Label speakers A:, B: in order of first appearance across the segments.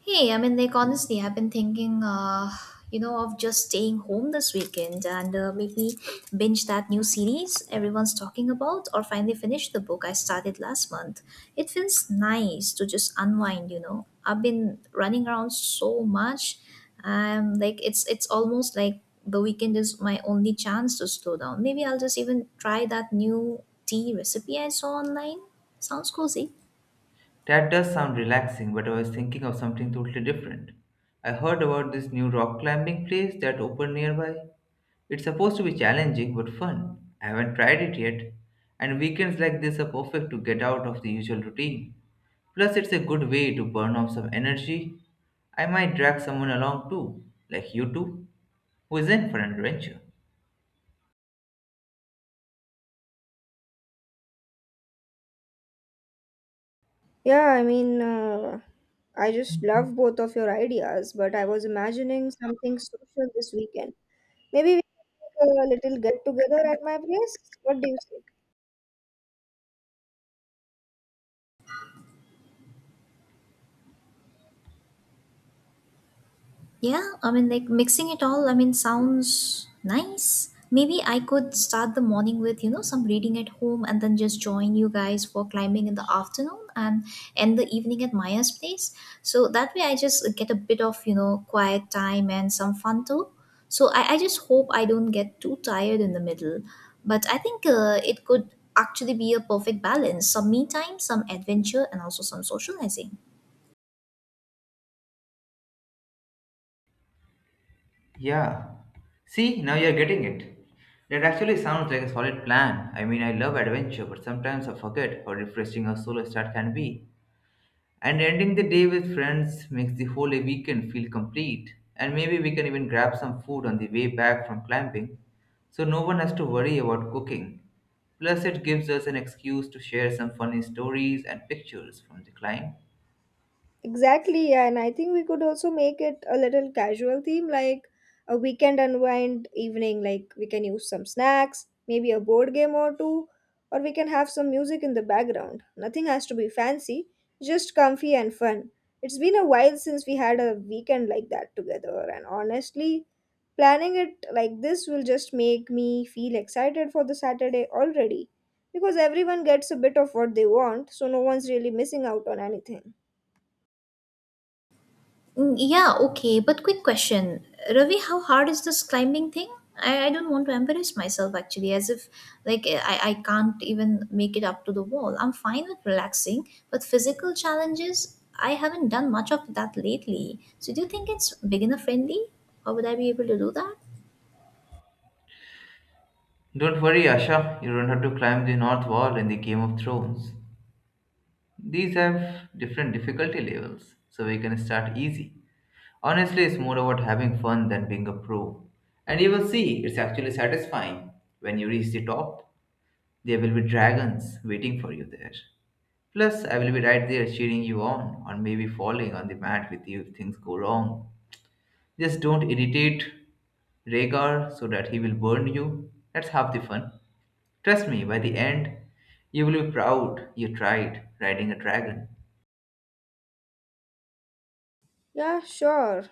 A: Hey, honestly, I've been thinking, of just staying home this weekend and maybe binge that new series everyone's talking about, or finally finish the book I started last month. It feels nice to just unwind. I've been running around so much, it's almost like the weekend is my only chance to slow down. Maybe I'll just even try that new tea recipe I saw online. Sounds cozy.
B: That does sound relaxing, but I was thinking of something totally different. I heard about this new rock climbing place that opened nearby. It's supposed to be challenging but fun. I haven't tried it yet, and weekends like this are perfect to get out of the usual routine. Plus, it's a good way to burn off some energy. I might drag someone along too, like you two, who is in for an adventure.
C: Yeah, I mean, I just love both of your ideas, but I was imagining something social this weekend. Maybe we can make a little get together at my place. What do you say?
A: Yeah, mixing it all, sounds nice. Maybe I could start the morning with, some reading at home and then just join you guys for climbing in the afternoon and end the evening at Maya's place. So that way I just get a bit of, quiet time and some fun too. So I just hope I don't get too tired in the middle. But I think it could actually be a perfect balance, some me time, some adventure, and also some socializing.
B: Yeah. See, now you're getting it. That actually sounds like a solid plan. I mean, I love adventure, but sometimes I forget how refreshing a solo start can be. And ending the day with friends makes the whole weekend feel complete. And maybe we can even grab some food on the way back from climbing, so no one has to worry about cooking. Plus, it gives us an excuse to share some funny stories and pictures from the climb.
C: Exactly, yeah, and I think we could also make it a little casual theme, like a weekend unwind evening. Like we can use some snacks, maybe a board game or two, or we can have some music in the background. Nothing has to be fancy, just comfy and fun. It's been a while since we had a weekend like that together, and honestly, planning it like this will just make me feel excited for the Saturday already because everyone gets a bit of what they want, so no one's really missing out on anything.
A: Mm, yeah, okay, but quick question. Ravi, how hard is this climbing thing? I don't want to embarrass myself, actually, as if I can't even make it up to the wall. I'm fine with relaxing, but physical challenges, I haven't done much of that lately. So do you think it's beginner friendly? Or would I be able to do that?
B: Don't worry, Asha, you don't have to climb the North Wall in the Game of Thrones. These have different difficulty levels, so we can start easy. Honestly, it's more about having fun than being a pro. And you will see, it's actually satisfying. When you reach the top, there will be dragons waiting for you there. Plus, I will be right there cheering you on, or maybe falling on the mat with you if things go wrong. Just don't irritate Rhaegar so that he will burn you. That's half the fun. Trust me, by the end, you will be proud you tried riding a dragon.
C: Yeah, sure.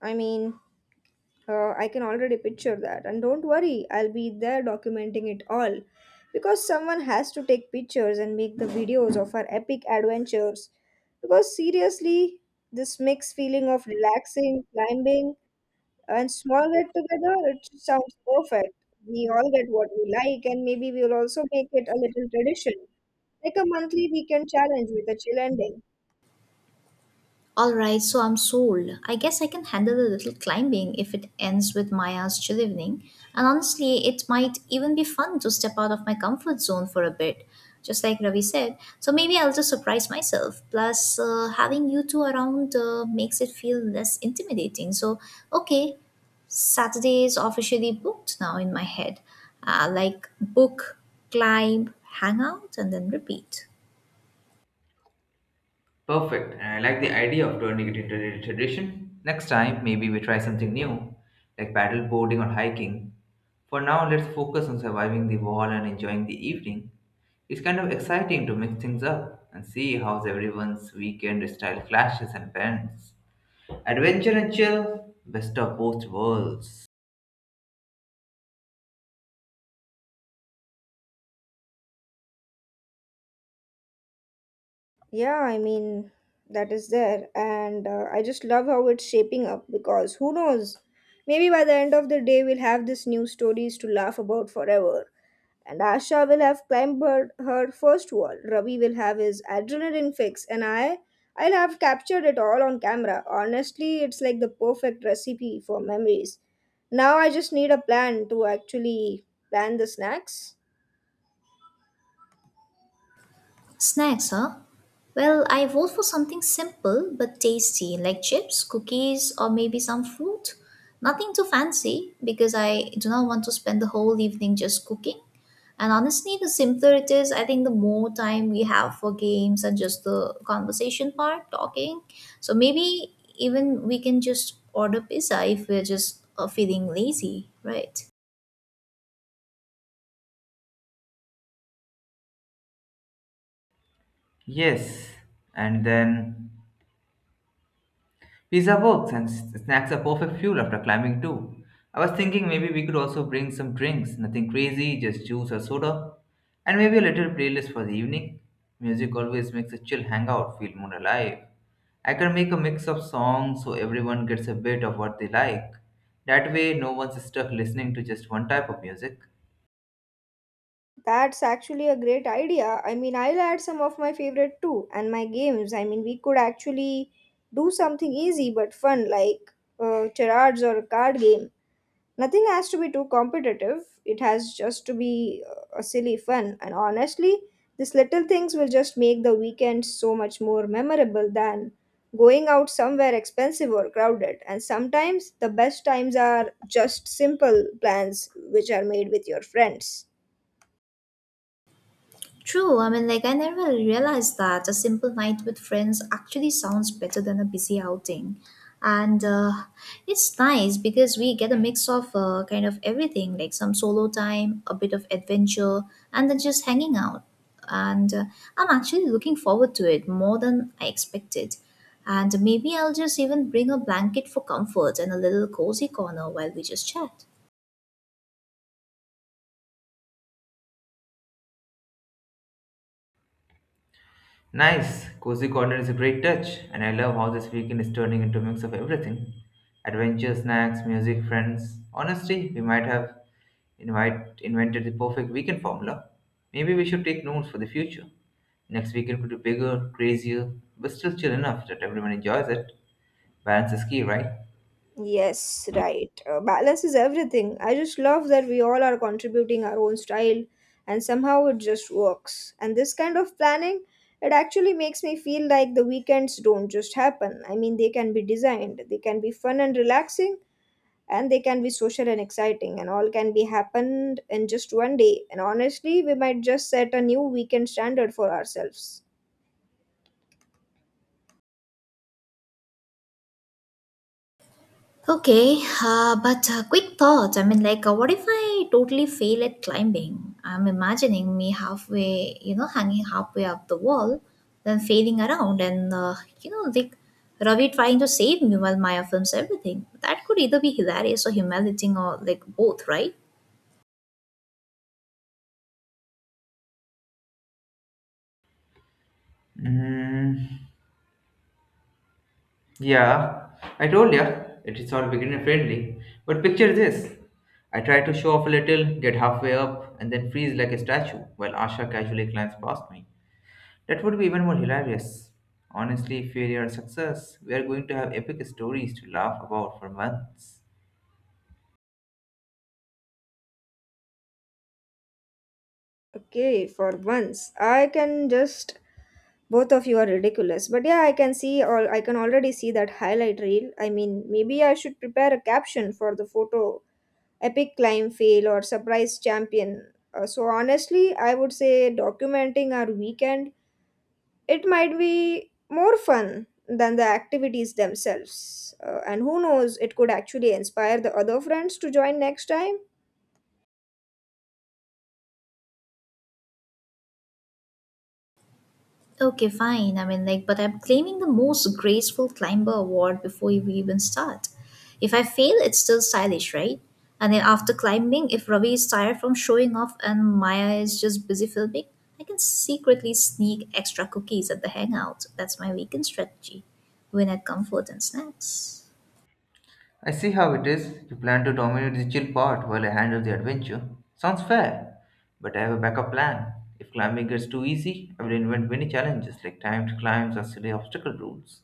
C: I mean, I can already picture that. And don't worry, I'll be there documenting it all. Because someone has to take pictures and make the videos of our epic adventures. Because seriously, this mixed feeling of relaxing, climbing, and small get together, it sounds perfect. We all get what we like, and maybe we'll also make it a little tradition, like a monthly weekend challenge with a chill ending.
A: Alright, so I'm sold. I guess I can handle a little climbing if it ends with Maya's chill evening. And honestly, it might even be fun to step out of my comfort zone for a bit, just like Ravi said. So maybe I'll just surprise myself. Plus, having you two around makes it feel less intimidating. So, okay, Saturday is officially booked now in my head. Book, climb, hang out, and then repeat.
B: Perfect. And I like the idea of turning it into a tradition. Next time, maybe we try something new, like paddle boarding or hiking. For now, let's focus on surviving the wall and enjoying the evening. It's kind of exciting to mix things up and see how everyone's weekend style clashes and bends. Adventure and chill, best of both worlds.
C: Yeah, I mean, that is there. And I just love how it's shaping up because who knows? Maybe by the end of the day, we'll have these new stories to laugh about forever. And Asha will have climbed her first wall. Ravi will have his adrenaline fix. I'll have captured it all on camera. Honestly, it's like the perfect recipe for memories. Now I just need a plan to actually plan the snacks.
A: Snacks, huh? Well, I vote for something simple but tasty, like chips, cookies, or maybe some fruit. Nothing too fancy because I do not want to spend the whole evening just cooking. And honestly, the simpler it is, I think the more time we have for games and just the conversation part, talking. So maybe even we can just order pizza if we're just feeling lazy, right?
B: Yes, and then Pizza works and snacks are perfect fuel after climbing too. I was thinking maybe we could also bring some drinks, nothing crazy, just juice or soda, and maybe a little playlist for the evening. Music always makes a chill hangout feel more alive. I can make a mix of songs so everyone gets a bit of what they like. That way, no one's stuck listening to just one type of music.
C: That's actually a great idea. I mean, I'll add some of my favorite too, and my games. I mean, we could actually do something easy but fun, like charades or a card game. Nothing has to be too competitive. It has just to be a silly fun. And honestly, these little things will just make the weekend so much more memorable than going out somewhere expensive or crowded. And sometimes the best times are just simple plans which are made with your friends.
A: True, I never realized that a simple night with friends actually sounds better than a busy outing. And it's nice because we get a mix of kind of everything, like some solo time, a bit of adventure, and then just hanging out. And I'm actually looking forward to it more than I expected. And maybe I'll just even bring a blanket for comfort and a little cozy corner while we just chat.
B: Nice. Cozy corner is a great touch, and I love how this weekend is turning into a mix of everything. Adventure, snacks, music, friends. Honestly, we might have invented the perfect weekend formula. Maybe we should take notes for the future. Next weekend could be bigger, crazier, but still chill enough that everyone enjoys it. Balance is key, right?
C: Yes, right. Balance is everything. I just love that we all are contributing our own style and somehow it just works. And this kind of planning, it actually makes me feel like the weekends don't just happen. I mean, they can be designed, they can be fun and relaxing, and they can be social and exciting, and all can be happened in just one day. And honestly, we might just set a new weekend standard for ourselves.
A: Okay, but quick thoughts. What if I totally fail at climbing? I'm imagining me halfway, hanging halfway up the wall, then failing around, and, you know, like Ravi trying to save me while Maya films everything. That could either be hilarious or humiliating, or, like, both, right?
B: Mm. Yeah, I told ya, it is all beginner friendly. But picture this, I try to show off a little, get halfway up, and then freeze like a statue while Asha casually climbs past me. That would be even more hilarious. Honestly, failure or success, we are going to have epic stories to laugh about for months.
C: Okay, for once, I can just both of you are ridiculous. But yeah, I can already see that highlight reel. I mean, maybe I should prepare a caption for the photo epic climb fail or surprise champion. So honestly, I would say documenting our weekend it might be more fun than the activities themselves. And who knows, it could actually inspire the other friends to join next time.
A: Okay, fine. But I'm claiming the most graceful climber award before we even start. If I fail, it's still stylish, right? And then after climbing, if Ravi is tired from showing off and Maya is just busy filming, I can secretly sneak extra cookies at the hangout. That's my weekend strategy. Win at comfort and snacks.
B: I see how it is. You plan to dominate the chill part while I handle the adventure. Sounds fair, but I have a backup plan. If climbing gets too easy, I will invent mini challenges like timed climbs or silly obstacle rules.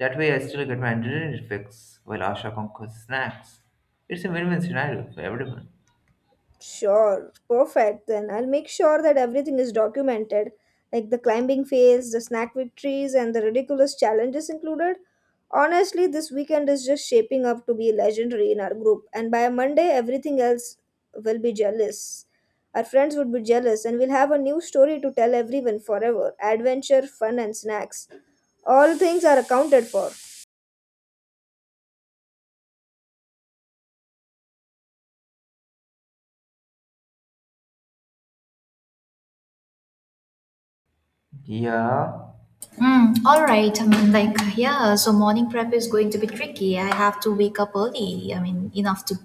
B: That way, I still get my adrenaline fix while Asha conquers snacks. It's a win-win scenario for everyone.
C: Sure, perfect. Then I'll make sure that everything is documented, like the climbing phase, the snack victories, and the ridiculous challenges included. Honestly, this weekend is just shaping up to be legendary in our group, and by Monday, everything else will be jealous. Our friends would be jealous, and we'll have a new story to tell everyone forever adventure, fun, and snacks. All things are accounted for.
B: Yeah.
A: Mm, all right. Yeah, so morning prep is going to be tricky. I have to wake up early. I mean, enough to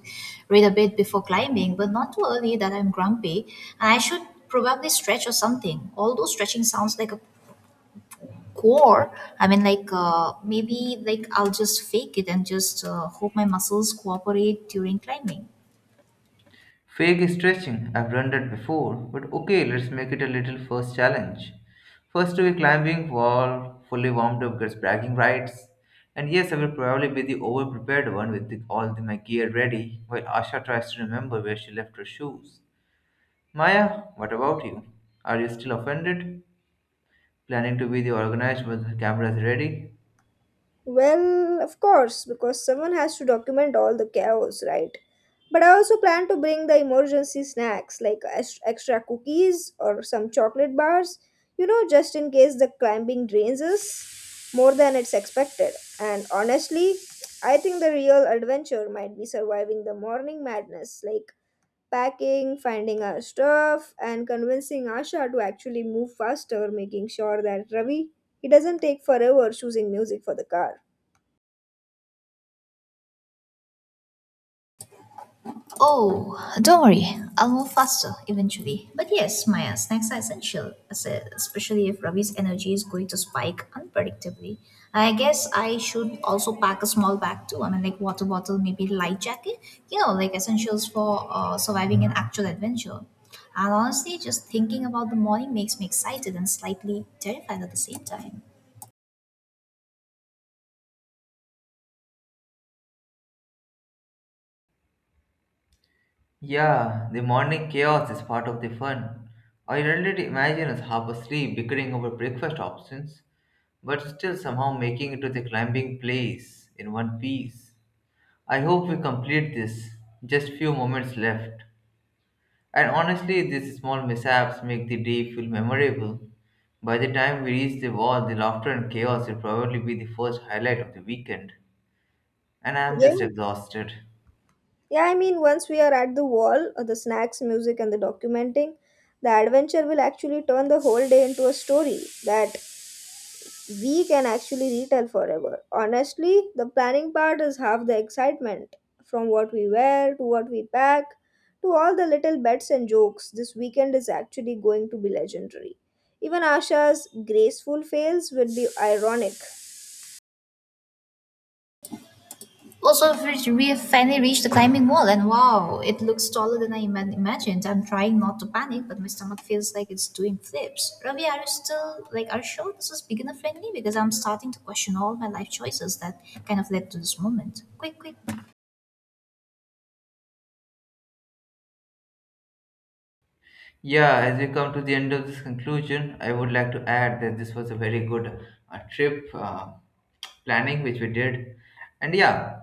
A: read a bit before climbing, but not too early that I'm grumpy. And I should probably stretch or something. Although stretching sounds like a core, I mean, like, maybe like I'll just fake it and just hope my muscles cooperate during climbing.
B: Fake stretching. I've done that before, but okay, let's make it a little first challenge. First to a climbing wall, fully warmed up, gets bragging rights. And yes, I will probably be the over-prepared one with my gear ready, while Asha tries to remember where she left her shoes. Maya, what about you? Are you still offended? Planning to be the organized when the camera is ready?
C: Well, of course, because someone has to document all the chaos, right? But I also plan to bring the emergency snacks like extra cookies or some chocolate bars, you know, just in case the climbing drains us more than it's expected. And honestly, I think the real adventure might be surviving the morning madness, like packing, finding our stuff, and convincing Asha to actually move faster, making sure that Ravi he doesn't take forever choosing music for the car.
A: Oh, don't worry. I'll move faster eventually. But yes, Maya, snacks are essential, especially if Ravi's energy is going to spike unpredictably. I guess I should also pack a small bag too. I mean, like, water bottle, maybe light jacket, essentials for surviving an actual adventure. And honestly, just thinking about the morning makes me excited and slightly terrified at the same time.
B: Yeah, the morning chaos is part of the fun. I rarely imagine us half asleep bickering over breakfast options, but still somehow making it to the climbing place in one piece. I hope we complete this. Just few moments left. And honestly, these small mishaps make the day feel memorable. By the time we reach the wall, the laughter and chaos will probably be the first highlight of the weekend. And I am just
C: Yeah,
B: exhausted.
C: yeah. I mean, once we are at the wall, the snacks, music, and the documenting, the adventure will actually turn the whole day into a story that we can actually retell forever. Honestly, the planning part is half the excitement from what we wear to what we pack to all the little bets and jokes. This weekend is actually going to be legendary. Even Asha's graceful fails will be ironic
A: Also, we finally reached the climbing wall, and wow, it looks taller than imagined. I'm trying not to panic, but my stomach feels like it's doing flips. Ravi, are you still are you sure this is beginner friendly? Because I'm starting to question all my life choices that kind of led to this moment. Quick, quick.
B: Yeah, as we come to the end of this conclusion, I would like to add that this was a very good trip planning which we did. And yeah,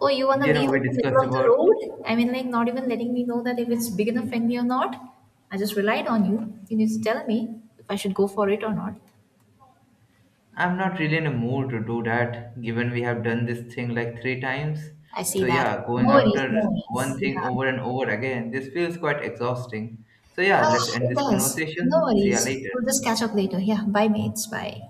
A: Oh, you want to
B: you know,
A: leave
B: we
A: at the middle
B: discussed
A: of the
B: about
A: road? Not even letting me know that if it's beginner friendly or not. I just relied on you. You need to tell me if I should go for it or not.
B: I'm not really in a mood to do that given we have done this thing like 3 times.
A: I
B: So
A: see that.
B: yeah,
A: No
B: going
A: worries,
B: after
A: no worries.
B: one thing
A: Yeah.
B: over and over again, this feels quite exhausting. So yeah,
A: Ah,
B: let's end
A: it
B: this
A: does. No
B: conversation. See ya
A: worries.
B: later.
A: We'll just catch up later. Yeah, bye, mates. Bye.